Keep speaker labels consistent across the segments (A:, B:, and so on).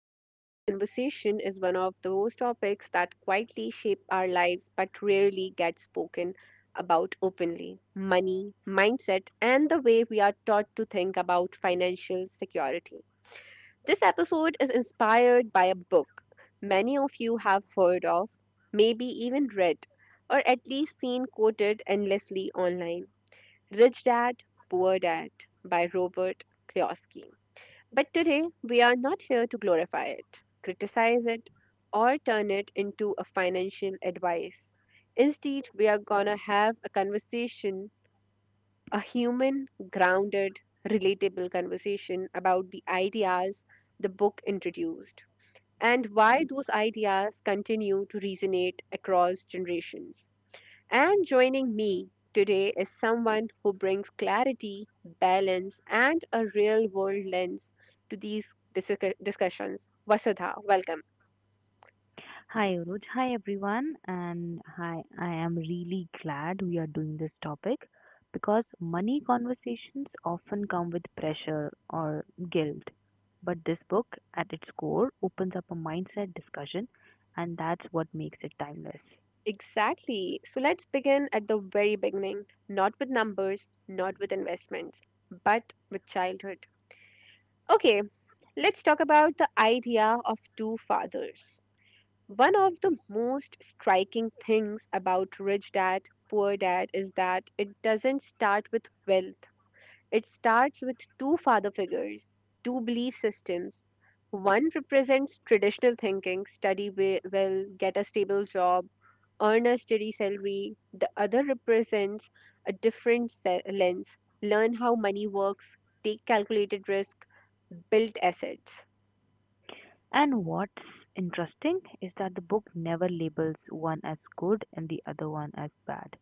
A: and today's conversation is one of those topics that quietly shape our lives but rarely get spoken about openly, money, mindset, and the way we are taught to think about financial security. This episode is inspired by a book many of you have heard of, maybe even read, or at least seen quoted endlessly online, Rich Dad, Poor Dad by Robert Kiyosaki. But today, we are not here to glorify it, criticize it, or turn it into a financial advice. Instead, we are going to have a conversation, a human, grounded, relatable conversation about the ideas the book introduced and why those ideas continue to resonate across generations. And joining me today is someone who brings clarity, balance, and a real world lens to these discussions. Vasudha, welcome.
B: Hi, Uruj. Hi, everyone. And hi, I am really glad we are doing this topic because money conversations often come with pressure or guilt. But this book, at its core, opens up a mindset discussion, and that's what makes it timeless.
A: Exactly. So let's begin at the very beginning, not with numbers, not with investments, but with childhood. Okay, let's talk about the idea of two fathers. One of the most striking things about Rich Dad, Poor Dad is that it doesn't start with wealth. It starts with two father figures, two belief systems. One represents traditional thinking, study well, get a stable job, earn a steady salary. The other represents a different lens, learn how money works, take calculated risk, build assets.
B: And what's interesting is that the book never labels one as good and the other one as bad.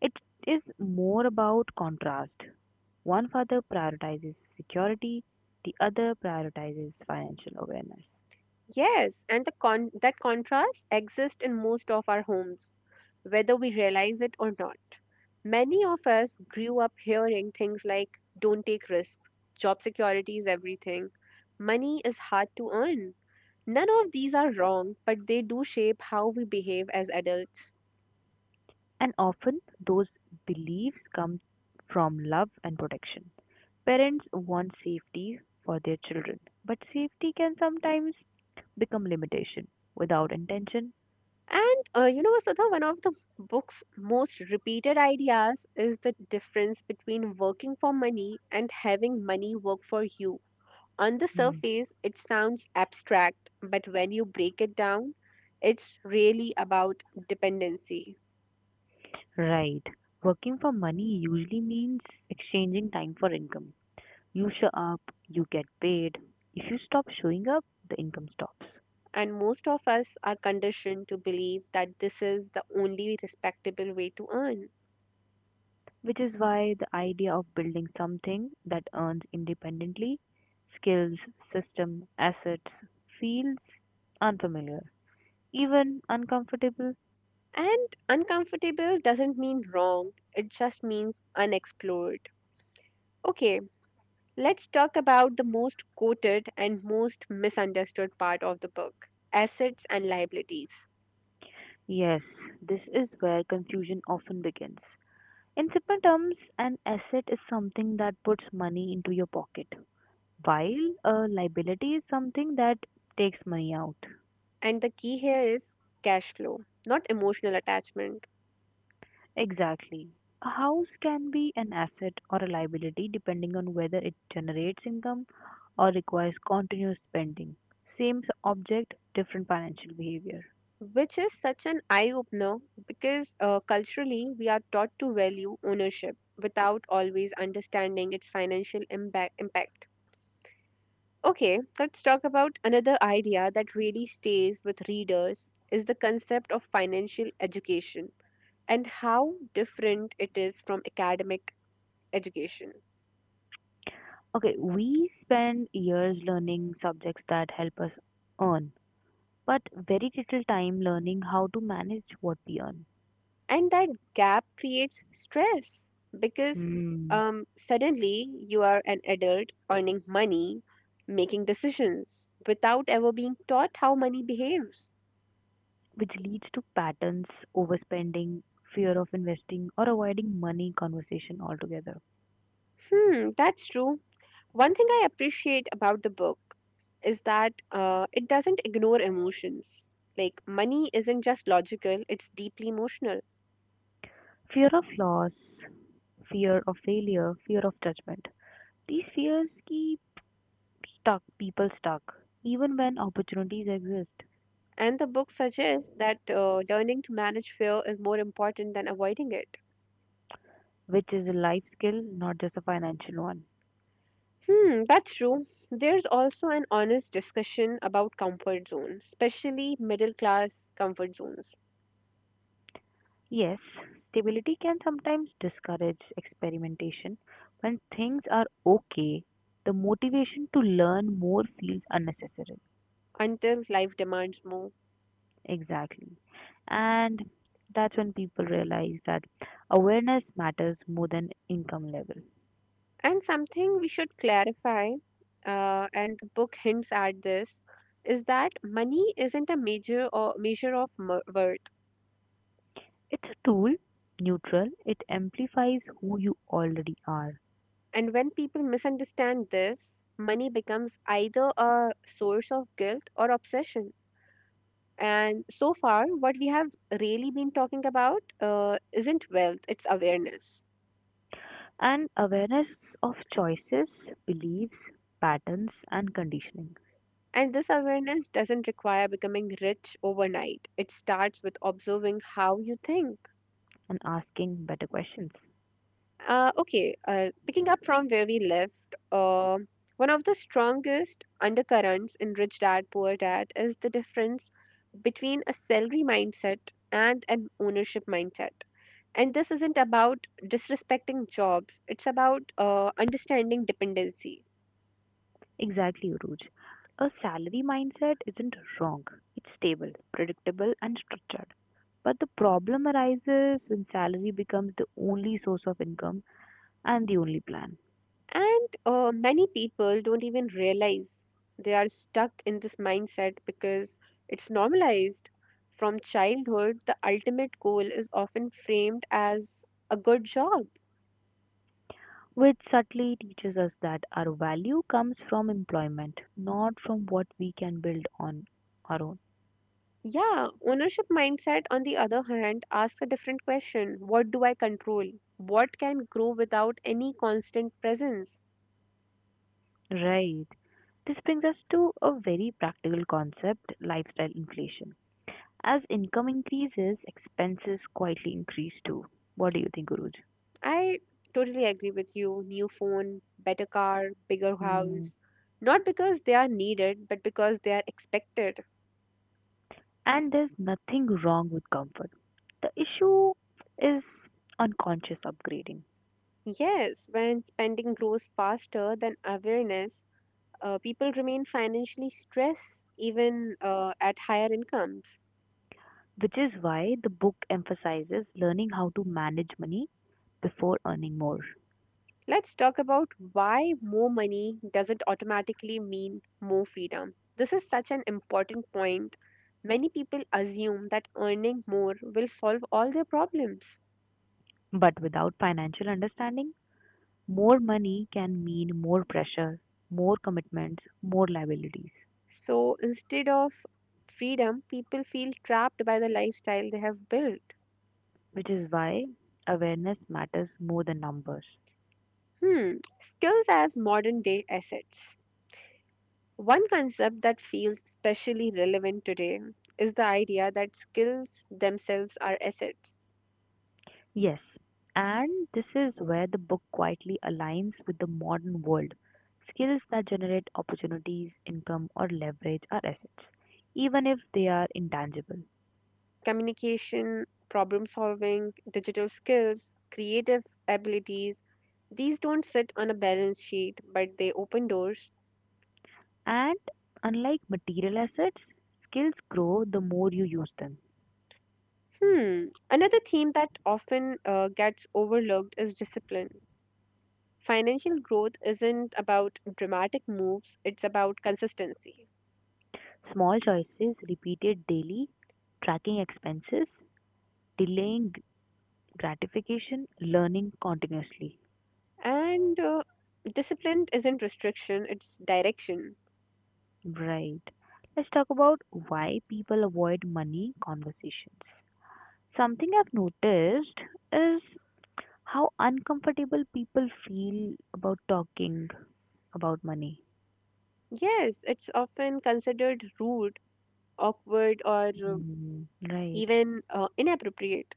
B: It is more about contrast. One father prioritizes security, the other prioritizes financial awareness.
A: Yes, and that contrast exists in most of our homes, whether we realize it or not. Many of us grew up hearing things like don't take risks, job security is everything, money is hard to earn. None of these are wrong, but they do shape how we behave as adults.
B: And often those beliefs come from love and protection. Parents want safety for their children, but safety can sometimes become limitation without intention.
A: And Vasudha, one of the book's most repeated ideas is the difference between working for money and having money work for you. On the
B: Hmm.
A: surface, it sounds abstract, but when you break it down, it's really about dependency.
B: Right. Working for money usually means exchanging time for income. You show up, you get paid. If you stop showing up, the income stops.
A: And most of us are conditioned to believe that this is the only respectable way to earn.
B: Which is why the idea of building something that earns independently, skills, system, assets, feels unfamiliar, even uncomfortable.
A: And uncomfortable doesn't mean wrong, it just means unexplored. Okay, let's talk about the most quoted and most misunderstood part of the book, assets and liabilities.
B: Yes, this is where confusion often begins. In simple terms, an asset is something that puts money into your pocket, while a liability is something that takes money out.
A: And the key here is cash flow, not emotional attachment,
B: Exactly. A house can be an asset or a liability depending on whether it generates income or requires continuous spending. Same object, different financial behavior.
A: which is such an eye opener because culturally we are taught to value ownership without always understanding its financial impact. Okay, let's talk about another idea that really stays with readers is the concept of financial education and how different it is from academic education.
B: Okay, we spend years learning subjects that help us earn, but very little time learning how to manage what we earn.
A: And that gap creates stress because
B: Hmm.
A: suddenly you are an adult earning money, making decisions without ever being taught how money behaves.
B: Which leads to patterns, overspending, fear of investing, or avoiding money conversation altogether.
A: Hmm, that's true. One thing I appreciate about the book is that it doesn't ignore emotions, like money isn't just logical, it's deeply emotional.
B: Fear of loss, fear of failure, fear of judgment. These fears keep stuck people stuck even when opportunities exist,
A: And the book suggests that learning to manage fear is more important than avoiding it.
B: which is a life skill, not just a financial one.
A: Hmm, that's true. There's also an honest discussion about comfort zones, especially middle class comfort zones,
B: Yes, stability can sometimes discourage experimentation. When things are okay, the motivation to learn more feels unnecessary.
A: until life demands more.
B: Exactly. And that's when people realize that awareness matters more than income level.
A: And something we should clarify, and the book hints at this, is that money isn't a major or measure of worth.
B: It's tool neutral, it amplifies who you already are.
A: And when people misunderstand this, money becomes either a source of guilt or obsession. And so far, what we have really been talking about isn't wealth, it's awareness.
B: And awareness of choices, beliefs, patterns, and conditioning,
A: And this awareness doesn't require becoming rich overnight. It starts with observing how you think.
B: and asking better questions.
A: Okay, picking up from where we left, one of the strongest undercurrents in Rich Dad Poor Dad is the difference between a salary mindset and an ownership mindset. And this isn't about disrespecting jobs, it's about understanding dependency.
B: Exactly, Uruj. A salary mindset isn't wrong, it's stable, predictable, and structured. But the problem arises when salary becomes the only source of income and the only plan.
A: And many people don't even realize they are stuck in this mindset because it's normalized. From childhood, the ultimate goal is often framed as a good job.
B: Which subtly teaches us that our value comes from employment, not from what we can build on our own.
A: Yeah, ownership mindset, on the other hand, asks a different question. What do I control? What can grow without any constant presence?
B: Right. This brings us to a very practical concept lifestyle inflation. As income increases, expenses quietly increase too. What do you think, Guruj?
A: I totally agree with you. New phone, better car, bigger
B: Hmm.
A: house. Not because they are needed, but because they are expected.
B: And there's nothing wrong with comfort. The issue is unconscious upgrading,
A: Yes, when spending grows faster than awareness, people remain financially stressed even at higher incomes.
B: which is why the book emphasizes learning how to manage money before earning more.
A: Let's talk about why more money doesn't automatically mean more freedom. This is such an important point. Many people assume that earning more will solve all their problems.
B: But without financial understanding, more money can mean more pressure, more commitments, more liabilities,
A: So instead of freedom, people feel trapped by the lifestyle they have built.
B: which is why awareness matters more than numbers.
A: Hmm. Skills as modern day assets. One concept that feels especially relevant today is the idea that skills themselves are assets.
B: Yes, and this is where the book quietly aligns with the modern world. Skills that generate opportunities, income, or leverage are assets, even if they are intangible.
A: Communication, problem solving, digital skills, creative abilities, these don't sit on a balance sheet, but they open doors.
B: And unlike material assets, skills grow the more you use them.
A: Hmm. Another theme that often gets overlooked is discipline, financial growth isn't about dramatic moves, it's about consistency.
B: Small choices repeated daily, tracking expenses, delaying gratification, learning continuously.
A: And discipline isn't restriction, it's direction.
B: Right. Let's talk about why people avoid money conversations. Something I've noticed is how uncomfortable people feel about talking about money.
A: Yes, it's often considered rude, awkward, or uh,
B: Mm, right.
A: even uh, inappropriate,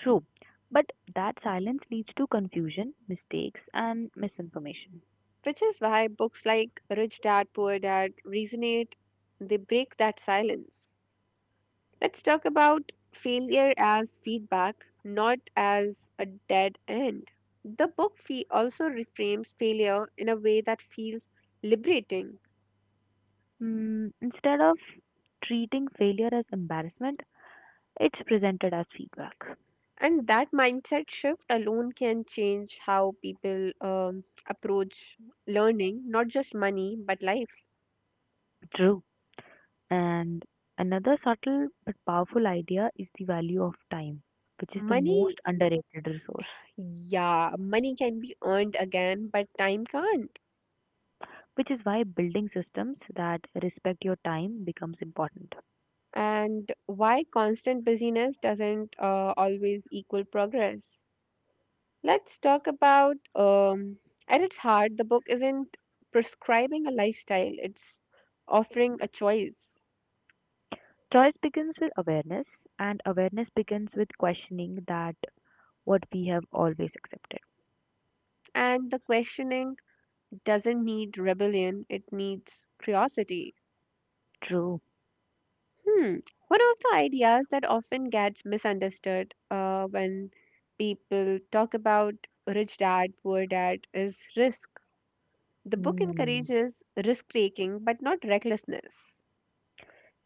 B: True. But that silence leads to confusion, mistakes, and misinformation.
A: which is why books like Rich Dad Poor Dad resonate, they break that silence. Let's talk about failure as feedback, not as a dead end. The book fee also reframes failure in a way that feels liberating.
B: Mm, instead of treating failure as embarrassment, it's presented as feedback.
A: And that mindset shift alone can change how people approach learning, not just money, but life.
B: True. And another subtle but powerful idea is the value of time, which is the most
A: Money,
B: underrated resource,
A: yeah, money can be earned again, but time can't.
B: which is why building systems that respect your time becomes important.
A: And why constant busyness doesn't always equal progress. Let's talk about, at its heart, the book isn't prescribing a lifestyle, it's offering a choice.
B: Choice begins with awareness, and awareness begins with questioning that what we have always accepted.
A: And the questioning doesn't need rebellion, it needs curiosity.
B: True.
A: Hmm. One of the ideas that often gets misunderstood when people talk about Rich Dad, Poor Dad is risk. The book
B: Hmm.
A: encourages risk taking, but not recklessness.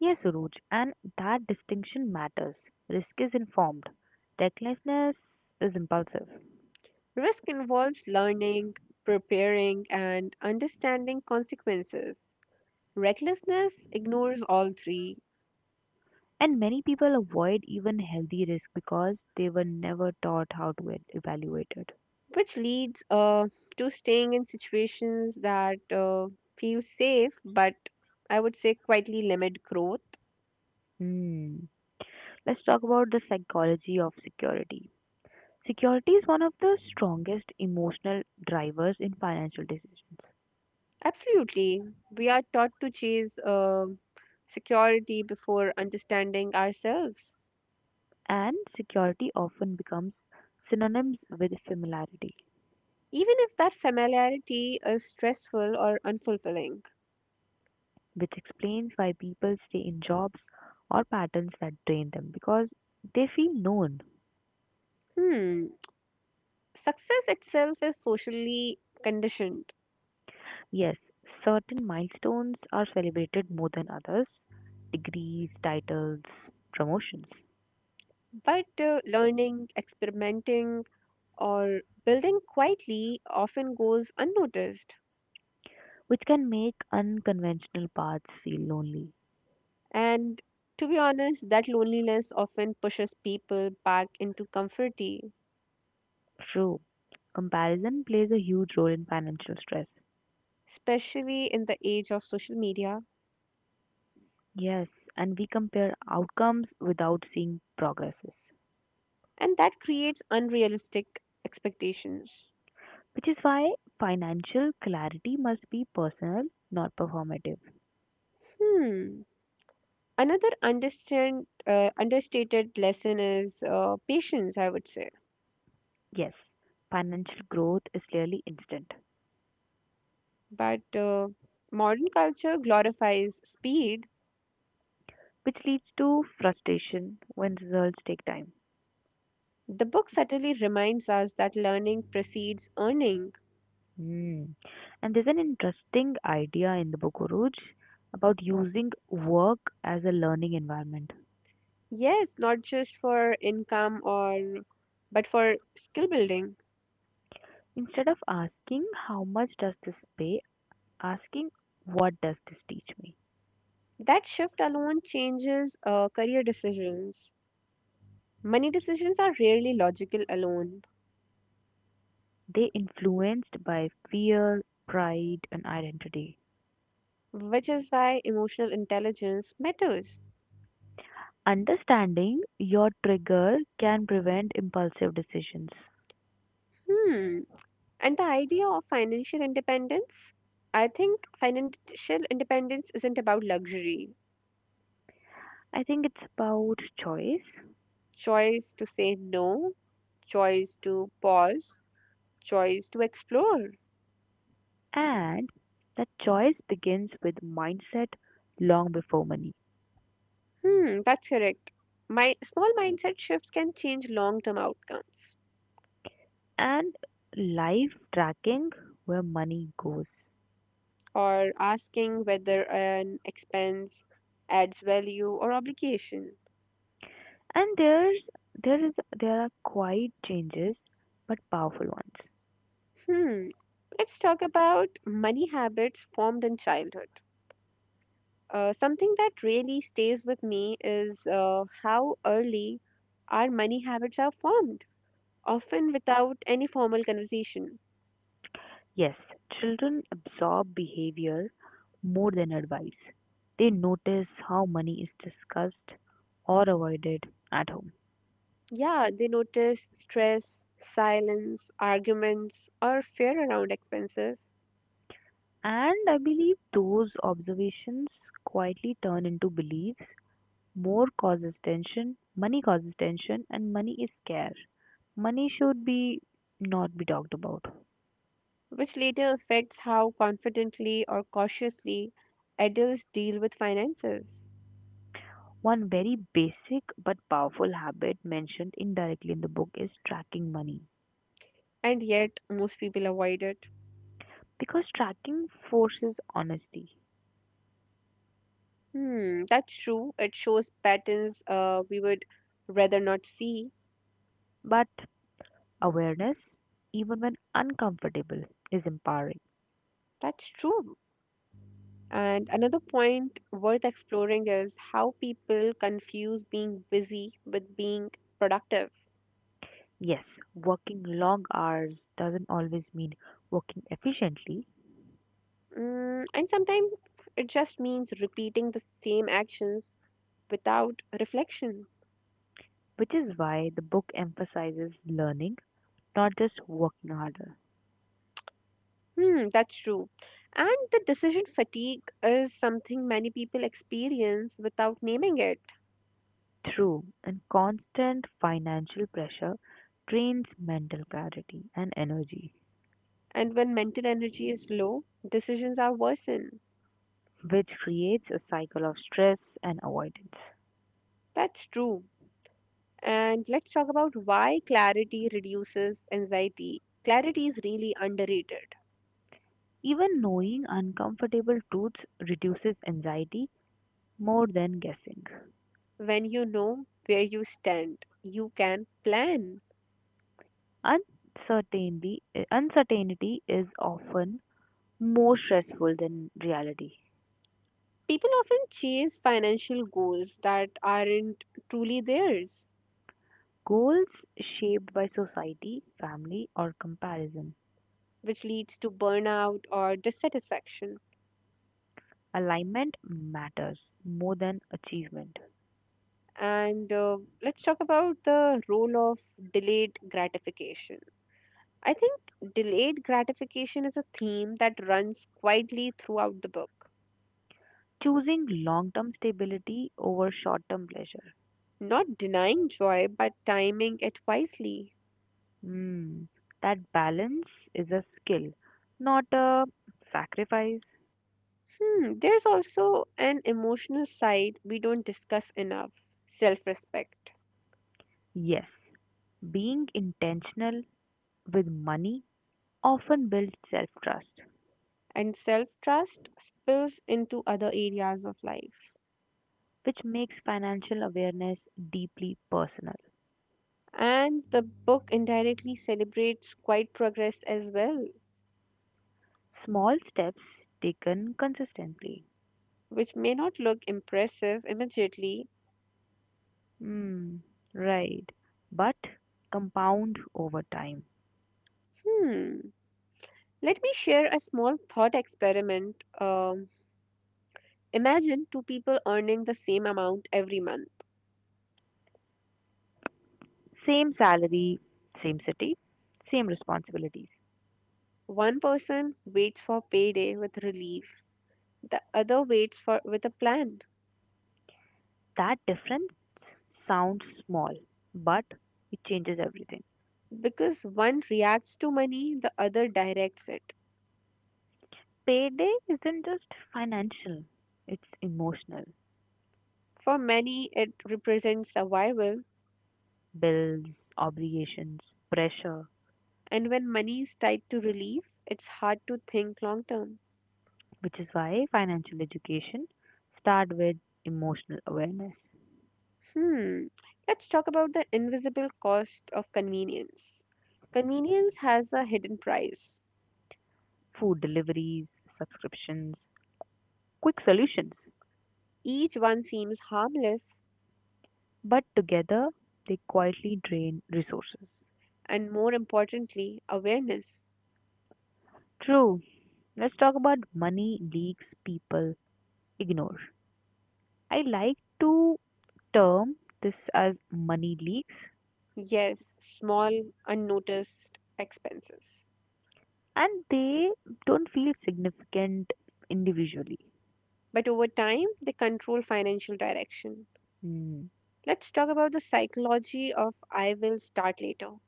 B: Yes, Suruj, and that distinction matters. Risk is informed, recklessness is impulsive.
A: Risk involves learning, preparing, and understanding consequences. Recklessness ignores all three,
B: And many people avoid even healthy risk because they were never taught how to evaluate it.
A: which leads to staying in situations that feel safe but I would say quietly limit growth.
B: Hmm. Let's talk about the psychology of security. Security is one of the strongest emotional drivers in financial decisions,
A: Absolutely. We are taught to chase security before understanding ourselves,
B: and security often becomes synonyms with familiarity,
A: even if that familiarity is stressful or unfulfilling.
B: which explains why people stay in jobs or patterns that drain them because they feel known.
A: Hmm. Success itself is socially conditioned,
B: Yes, certain milestones are celebrated more than others degrees, titles, promotions,
A: but learning, experimenting, or building quietly often goes unnoticed.
B: which can make unconventional paths feel lonely.
A: And to be honest, that loneliness often pushes people back into comforty,
B: True, comparison plays a huge role in financial stress.
A: especially in the age of social media,
B: Yes, and we compare outcomes without seeing progresses,
A: and that creates unrealistic expectations.
B: which is why financial clarity must be personal, not performative.
A: Hmm. Another understated lesson is patience, I would say.
B: Yes, financial growth is rarely instant,
A: But modern culture glorifies speed.
B: which leads to frustration when results take time.
A: The book subtly reminds us that learning precedes earning.
B: Hmm. And there's an interesting idea in the book, Uruj, about using work as a learning environment.
A: Yes, not just for income or but for skill building.
B: Instead of asking how much does this pay, asking what does this teach me?
A: That shift alone changes career decisions. Money decisions are rarely logical alone,
B: They influenced by fear, pride, and identity.
A: which is why emotional intelligence matters.
B: Understanding your trigger can prevent impulsive decisions.
A: Hmm. And the idea of financial independence? I think financial independence isn't about luxury.
B: I think it's about choice,
A: Choice to say no, choice to pause, choice to explore.
B: and that choice begins with mindset long before money
A: Hmm, that's correct. My small mindset shifts can change long-term outcomes.
B: and life tracking where money goes.
A: Or asking whether an expense adds value or obligation.
B: And there's there is there are quiet changes but powerful ones.
A: Hmm, let's talk about money habits formed in childhood. Something that really stays with me is how early our money habits are formed, often without any formal conversation.
B: Yes, children absorb behavior more than advice. They notice how money is discussed or avoided at home.
A: Yeah, they notice stress, silence, arguments, or fear around expenses,
B: And I believe those observations quietly turn into beliefs More causes tension, money causes tension, and money is scarce. Money should be not be talked about.
A: which later affects how confidently or cautiously adults deal with finances.
B: One very basic but powerful habit mentioned indirectly in the book is tracking money.
A: And yet, most people avoid it.
B: Because tracking forces honesty,
A: Hmm, that's true. It shows patterns we would rather not see.
B: but awareness, even when uncomfortable, is empowering.
A: That's true. And another point worth exploring is how people confuse being busy with being productive.
B: Yes, working long hours doesn't always mean working efficiently,
A: Mm, and sometimes it just means repeating the same actions without reflection.
B: which is why the book emphasizes learning, not just working harder.
A: Hmm, that's true. And the decision fatigue is something many people experience without naming it.
B: True, and constant financial pressure drains mental clarity and energy,
A: And when mental energy is low, decisions are worsened.
B: which creates a cycle of stress and avoidance.
A: That's true. And let's talk about why clarity reduces anxiety. Clarity is really underrated.
B: Even knowing uncomfortable truths reduces anxiety more than guessing.
A: When you know where you stand, you can plan.
B: Uncertainty, uncertainty is often more stressful than reality.
A: People often chase financial goals that aren't truly theirs,
B: Goals shaped by society, family, or comparison.
A: which leads to burnout or dissatisfaction.
B: Alignment matters more than achievement.
A: And let's talk about the role of delayed gratification. I think delayed gratification is a theme that runs quietly throughout the book,
B: Choosing long-term stability over short-term pleasure.
A: not denying joy but timing it wisely.
B: Hmm, that balance is a skill, not a sacrifice.
A: Hmm, there's also an emotional side we don't discuss enough, self respect,
B: Yes, being intentional with money often builds self-trust,
A: and self trust spills into other areas of life.
B: which makes financial awareness deeply personal.
A: And the book indirectly celebrates quiet progress as well,
B: Small steps taken consistently.
A: which may not look impressive immediately.
B: Hmm, right. But compound over time.
A: Hmm. Let me share a small thought experiment. Imagine two people earning the same amount every month.
B: Same salary, same city, same responsibilities.
A: One person waits for payday with relief, the other waits for with a plan.
B: That difference sounds small, but it changes everything.
A: Because one reacts to money, the other directs it.
B: Payday isn't just financial, it's emotional.
A: For many, it represents survival,
B: Bills, obligations, pressure,
A: and when money is tied to relief, it's hard to think long term.
B: which is why financial education start with emotional awareness,
A: Hmm, let's talk about the invisible cost of convenience. Convenience has a hidden price.
B: food deliveries, subscriptions, quick solutions,
A: Each one seems harmless,
B: but together they quietly drain resources.
A: and more importantly, awareness.
B: True. Let's talk about money leaks people ignore. I like to term this as money leaks
A: Yes, small, unnoticed expenses.
B: and they don't feel significant individually.
A: But over time, they control financial direction.
B: Mm.
A: Let's talk about the psychology of I will start later.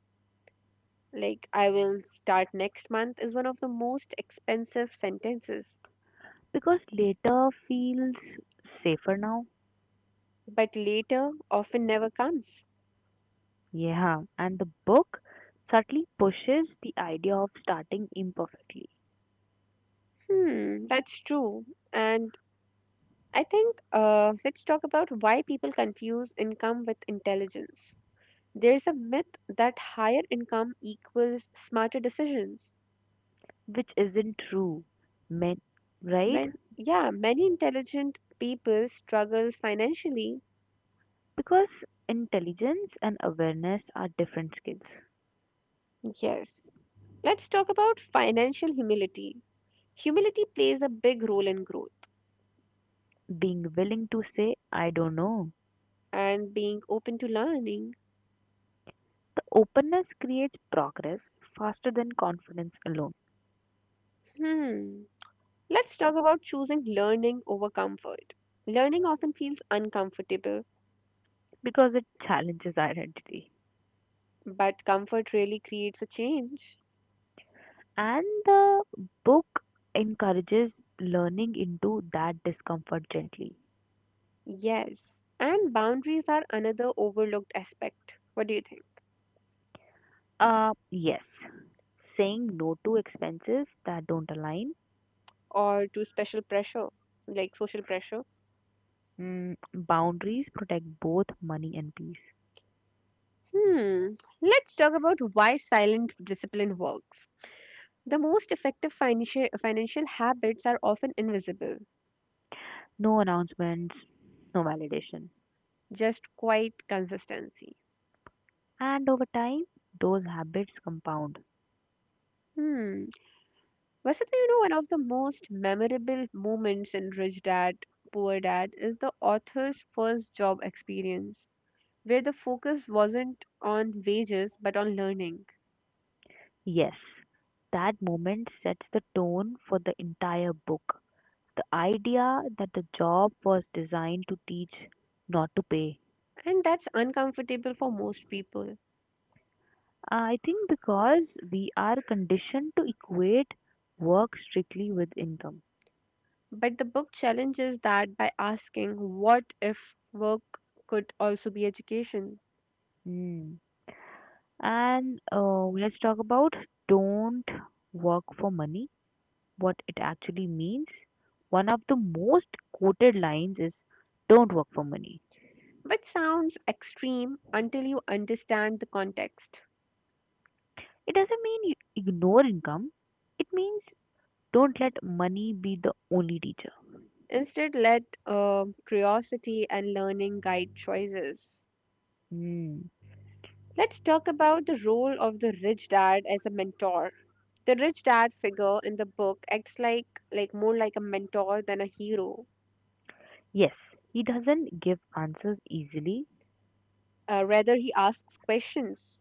A: Like I will start next month is one of the most expensive sentences,
B: Because later feels safer now.
A: but later often never comes.
B: Yeah, and the book subtly pushes the idea of starting imperfectly,
A: Hmm, that's true. And I think let's talk about why people confuse income with intelligence. There's a myth that higher income equals smarter decisions.
B: which isn't true men right
A: Man, yeah, many intelligent people struggle financially.
B: because intelligence and awareness are different skills.
A: Yes. Let's talk about financial humility. Humility plays a big role in growth.
B: Being willing to say I don't know,
A: And being open to learning.
B: the openness creates progress faster than confidence alone
A: Hmm. Let's talk about choosing learning over comfort. Learning often feels uncomfortable,
B: because it challenges identity.
A: but comfort really creates a change.
B: And the book encourages learning into that discomfort gently.
A: Yes. And boundaries are another overlooked aspect. What do you think?
B: Yes, saying no to expenses that don't align.
A: Or to special pressure, like social pressure.
B: Mm, boundaries protect both money and peace.
A: Hmm. Let's talk about why silent discipline works. The most effective financial habits are often invisible,
B: No announcements, no validation.
A: just quiet consistency.
B: And over time, those habits compound.
A: Hmm. Vasanta, one of the most memorable moments in Rich Dad, Poor Dad is the author's first job experience, where the focus wasn't on wages but on learning.
B: Yes, that moment sets the tone for the entire book. The idea that the job was designed to teach, not to pay.
A: And that's uncomfortable for most people.
B: I think because we are conditioned to equate work strictly with income.
A: But the book challenges that by asking, what if work could also be education?
B: Hmm. And Let's talk about don't work for money, what it actually means. One of the most quoted lines is don't work for money.
A: Which sounds extreme until you understand the context.
B: It doesn't mean you ignore income, it means don't let money be the only teacher.
A: Instead, let curiosity and learning guide choices.
B: Hmm.
A: Let's talk about the role of the rich dad as a mentor. The rich dad figure in the book acts like more like a mentor than a hero.
B: Yes, he doesn't give answers easily,
A: Rather, he asks questions,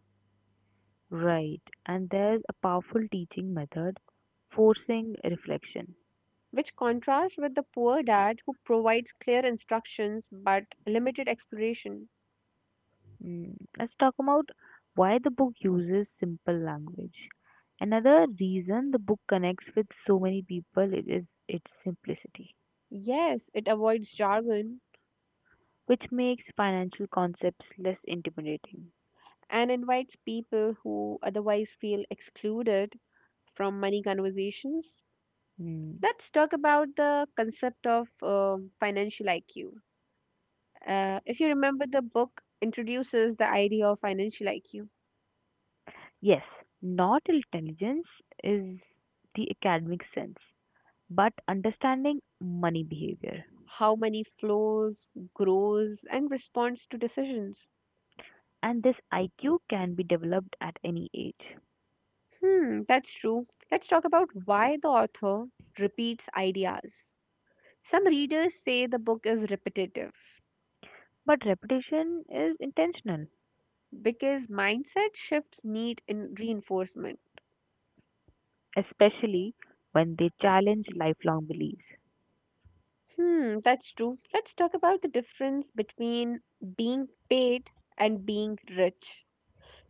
B: right? And there's a powerful teaching method, forcing reflection.
A: which contrasts with the poor dad who provides clear instructions but limited exploration.
B: Mm. Let's talk about why the book uses simple language. Another reason the book connects with so many people it is its simplicity,
A: Yes, it avoids jargon
B: which makes financial concepts less intimidating.
A: and invites people who otherwise feel excluded from money conversations.
B: Mm.
A: Let's talk about the concept of financial IQ. If you remember, the book introduces the idea of financial IQ,
B: Yes, not intelligence is the academic sense, but understanding money behavior
A: how money flows, grows, and responds to decisions.
B: and this IQ can be developed at any age.
A: Hmm, that's true. Let's talk about why the author repeats ideas. Some readers say the book is repetitive
B: But repetition is intentional,
A: because mindset shifts need in reinforcement.
B: especially when they challenge lifelong beliefs.
A: Hmm, that's true. Let's talk about the difference between being paid and being rich.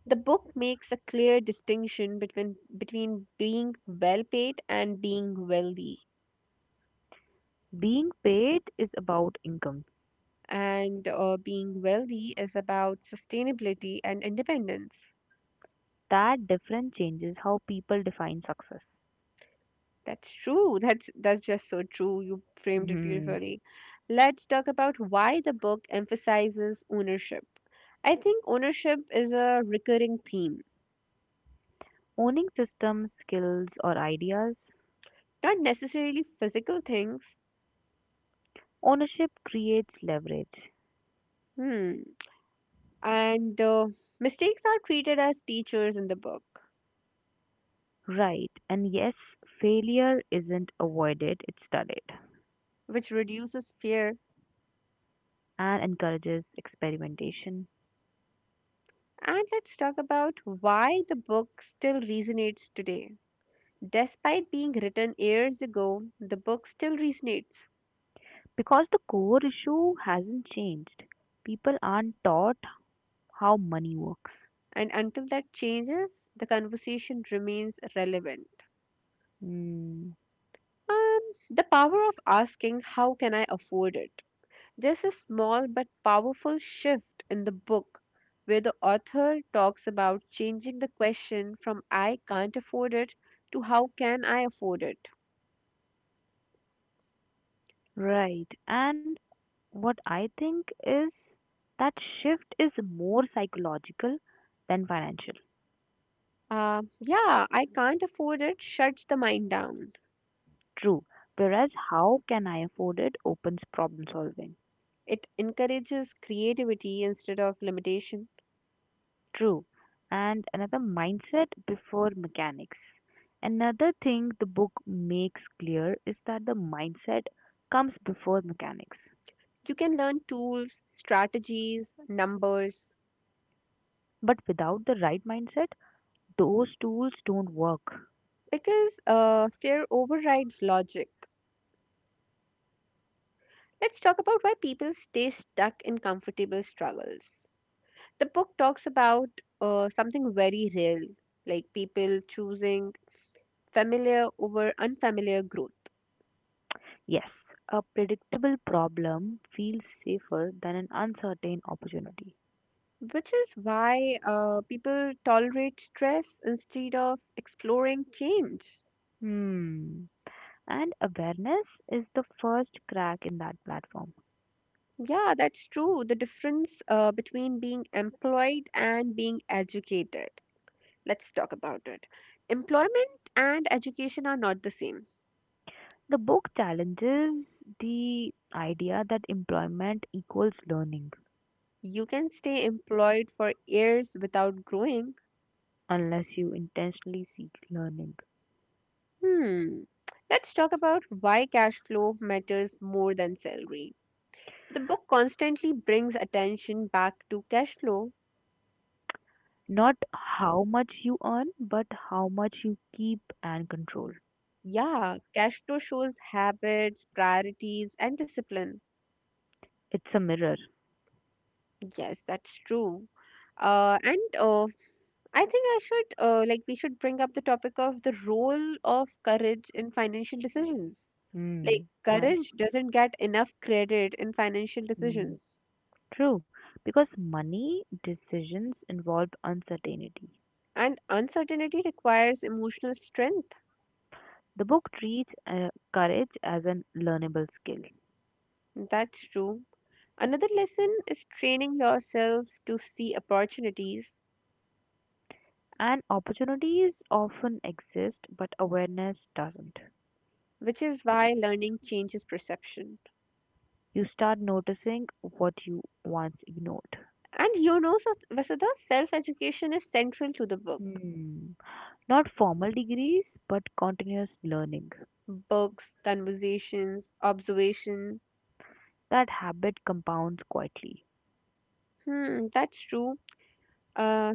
A: The book makes a clear distinction between being well paid and being wealthy.
B: Being paid is about income.
A: And being wealthy is about sustainability and independence.
B: That difference changes how people define success.
A: That's true. That's just so true. You framed it
B: Hmm.
A: beautifully. Let's talk about why the book emphasizes ownership. I think ownership is a recurring theme,
B: Owning systems, skills, or ideas,
A: not necessarily physical things.
B: ownership creates leverage.
A: Hmm. And Mistakes are treated as teachers in the book,
B: Right, and yes, failure isn't avoided, it's studied
A: which reduces fear.
B: and encourages experimentation.
A: And let's talk about why the book still resonates today. Despite being written years ago, the book still resonates.
B: Because the core issue hasn't changed. People aren't taught how money works.
A: And until that changes, the conversation remains relevant.
B: Mm.
A: And the power of asking, how can I afford it? There's a small but powerful shift in the book where the author talks about changing the question from I can't afford it to how can I afford it?
B: Right. And what I think is that shift is more psychological than financial.
A: Yeah, I can't afford it shuts the mind down.
B: True. Whereas how can I afford it opens problem solving.
A: It encourages creativity instead of limitation.
B: True. And another mindset before mechanics. Another thing the book makes clear is that the mindset comes before mechanics.
A: You can learn tools, strategies, numbers
B: But without the right mindset, those tools don't work.
A: because fear overrides logic. Let's talk about why people stay stuck in comfortable struggles. The book talks about something very real, like people choosing familiar over unfamiliar growth,
B: Yes, a predictable problem feels safer than an uncertain opportunity.
A: which is why people tolerate stress instead of exploring change.
B: Hmm. And awareness is the first crack in that platform.
A: Yeah, that's true. The difference between being employed and being educated. Let's talk about it. Employment and education are not the same.
B: The book challenges the idea that employment equals learning,
A: You can stay employed for years without growing.
B: unless you intentionally seek learning.
A: Hmm. Let's talk about why cash flow matters more than salary. The book constantly brings attention back to cash flow.
B: Not how much you earn, but how much you keep and control.
A: Yeah, cash flow shows habits, priorities, and discipline.
B: It's a mirror.
A: Yes, that's true. And I think I should like we should bring up the topic of the role of courage in financial decisions. Like
B: Hmm. Nice.
A: courage doesn't get enough credit in financial
B: Hmm.
A: decisions,
B: True, because money decisions involve uncertainty.
A: and uncertainty requires emotional strength.
B: The book treats courage as a learnable skill,
A: That's true. Another lesson is training yourself to see opportunities,
B: and opportunities often exist, but awareness doesn't.
A: which is why learning changes perception.
B: You start noticing what you once ignored.
A: And so Vasudha, self education is central to the book.
B: Hmm. Not formal degrees, but continuous learning.
A: Books, conversations, observation.
B: That habit compounds quietly.
A: Hmm, that's true. Uh,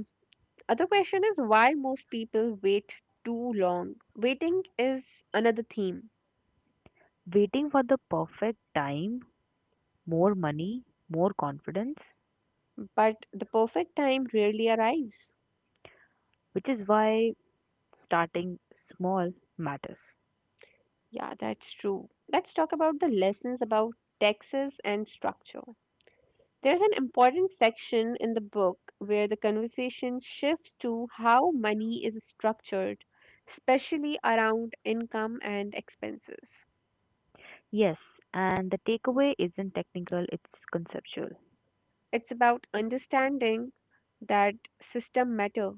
A: other question is why most people wait too long. Waiting is another theme,
B: Waiting for the perfect time, more money, more confidence,
A: but the perfect time rarely arrives.
B: which is why starting small matters.
A: Yeah, that's true. Let's talk about the lessons about taxes and structure. There's an important section in the book where the conversation shifts to how money is structured, especially around income and expenses.
B: Yes, and the takeaway isn't technical, it's conceptual.
A: It's about understanding that system matter,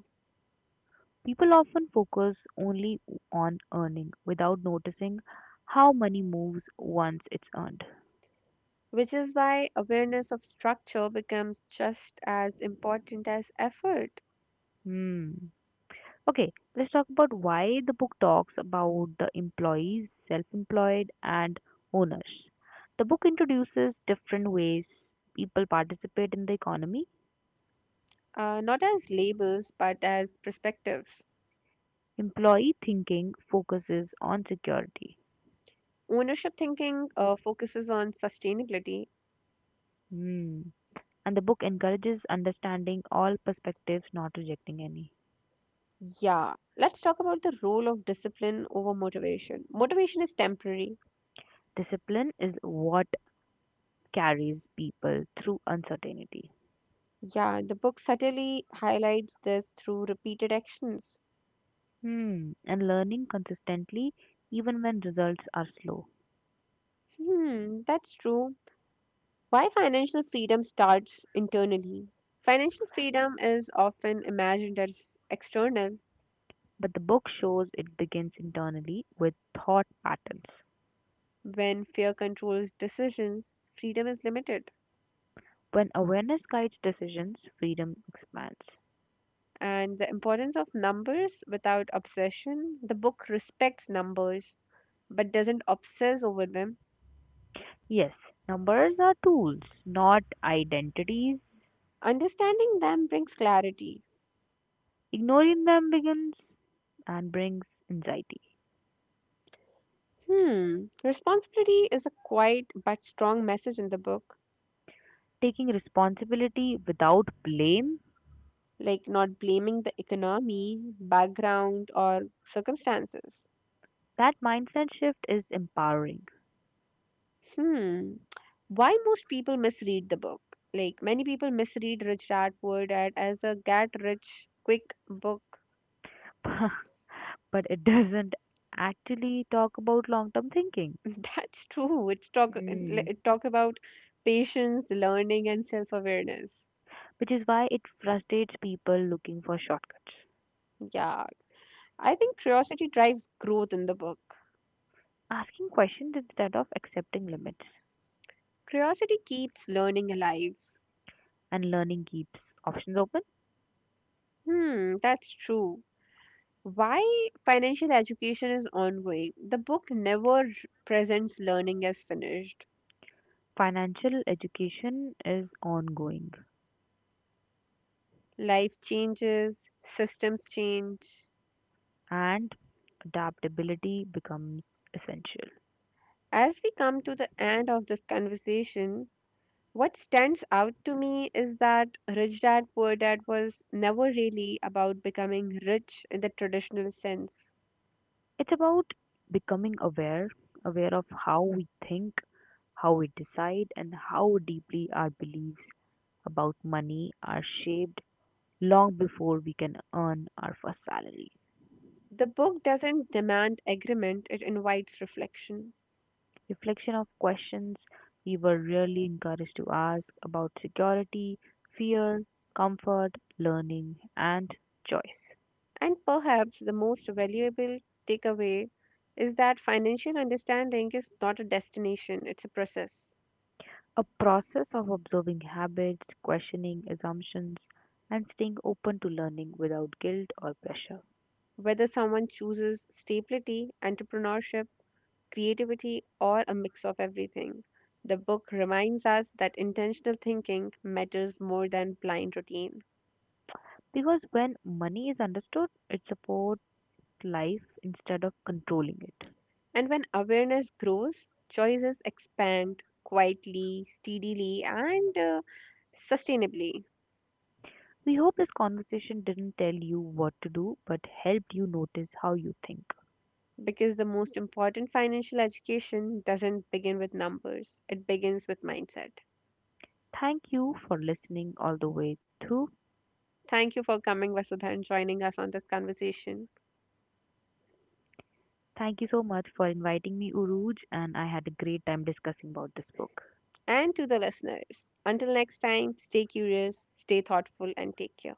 B: People often focus only on earning without noticing how money moves once it's earned.
A: which is why awareness of structure becomes just as important as effort,
B: Hmm. Okay, let's talk about why the book talks about the employees, self employed, and owners. The book introduces different ways people participate in the economy.
A: not as labels but as perspectives.
B: Employee thinking focuses on security.
A: Ownership thinking focuses on sustainability.
B: Mm. And the book encourages understanding all perspectives, not rejecting any.
A: Yeah, let's talk about the role of discipline over motivation. Motivation is temporary.
B: Discipline is what carries people through uncertainty.
A: Yeah, the book subtly highlights this through repeated actions.
B: Hmm. And learning consistently, even when results are slow.
A: Hmm, that's true. Why financial freedom starts internally? Financial freedom is often imagined as external.
B: But the book shows it begins internally with thought patterns.
A: When fear controls decisions, freedom is limited.
B: When awareness guides decisions, freedom expands.
A: And the importance of numbers without obsession, the book respects numbers but doesn't obsess over them.
B: Yes, numbers are tools, not identities.
A: Understanding them brings clarity.
B: Ignoring them begins and brings anxiety.
A: Hmm, responsibility is a quiet but strong message in the book,
B: Taking responsibility without blame,
A: like not blaming the economy, background, or circumstances.
B: that mindset shift is empowering.
A: Hmm, why most people misread the book? Like many people misread Richard Word as a get rich quick book.
B: But it doesn't actually talk about long term thinking.
A: That's true. It's talk it
B: Mm.
A: it talk about patience, learning, and self awareness.
B: Which is why it frustrates people looking for shortcuts.
A: Yeah, I think curiosity drives growth in the book.
B: Asking questions instead of accepting limits
A: Curiosity keeps learning alive.
B: and learning keeps options open.
A: Hmm, that's true. Why financial education is ongoing. The book never presents learning as finished.
B: Financial education is ongoing
A: Life changes, systems change.
B: and adaptability becomes essential.
A: As we come to the end of this conversation, what stands out to me is that Rich Dad Poor Dad was never really about becoming rich in the traditional sense.
B: It's about becoming aware, aware of how we think, how we decide, and how deeply our beliefs about money are shaped long before we can earn our first salary.
A: The book doesn't demand agreement, it invites reflection.
B: Reflection of questions we were rarely encouraged to ask about security, fear, comfort, learning, and choice.
A: And perhaps the most valuable takeaway is that financial understanding is not a destination, it's a process.
B: A process of observing habits, questioning assumptions, and staying open to learning without guilt or pressure.
A: Whether someone chooses stability, entrepreneurship, creativity, or a mix of everything, the book reminds us that intentional thinking matters more than blind routine.
B: Because when money is understood, it supports life instead of controlling it.
A: And when awareness grows, choices expand quietly, steadily, and sustainably,
B: We hope this conversation didn't tell you what to do, but helped you notice how you think.
A: because the most important financial education doesn't begin with numbers, it begins with mindset.
B: Thank you for listening all the way through.
A: Thank you for coming, Vasudha, and joining us on this conversation.
B: Thank you so much for inviting me, Uruj, and I had a great time discussing about this book.
A: And to the listeners, until next time, stay curious, stay thoughtful, and take care.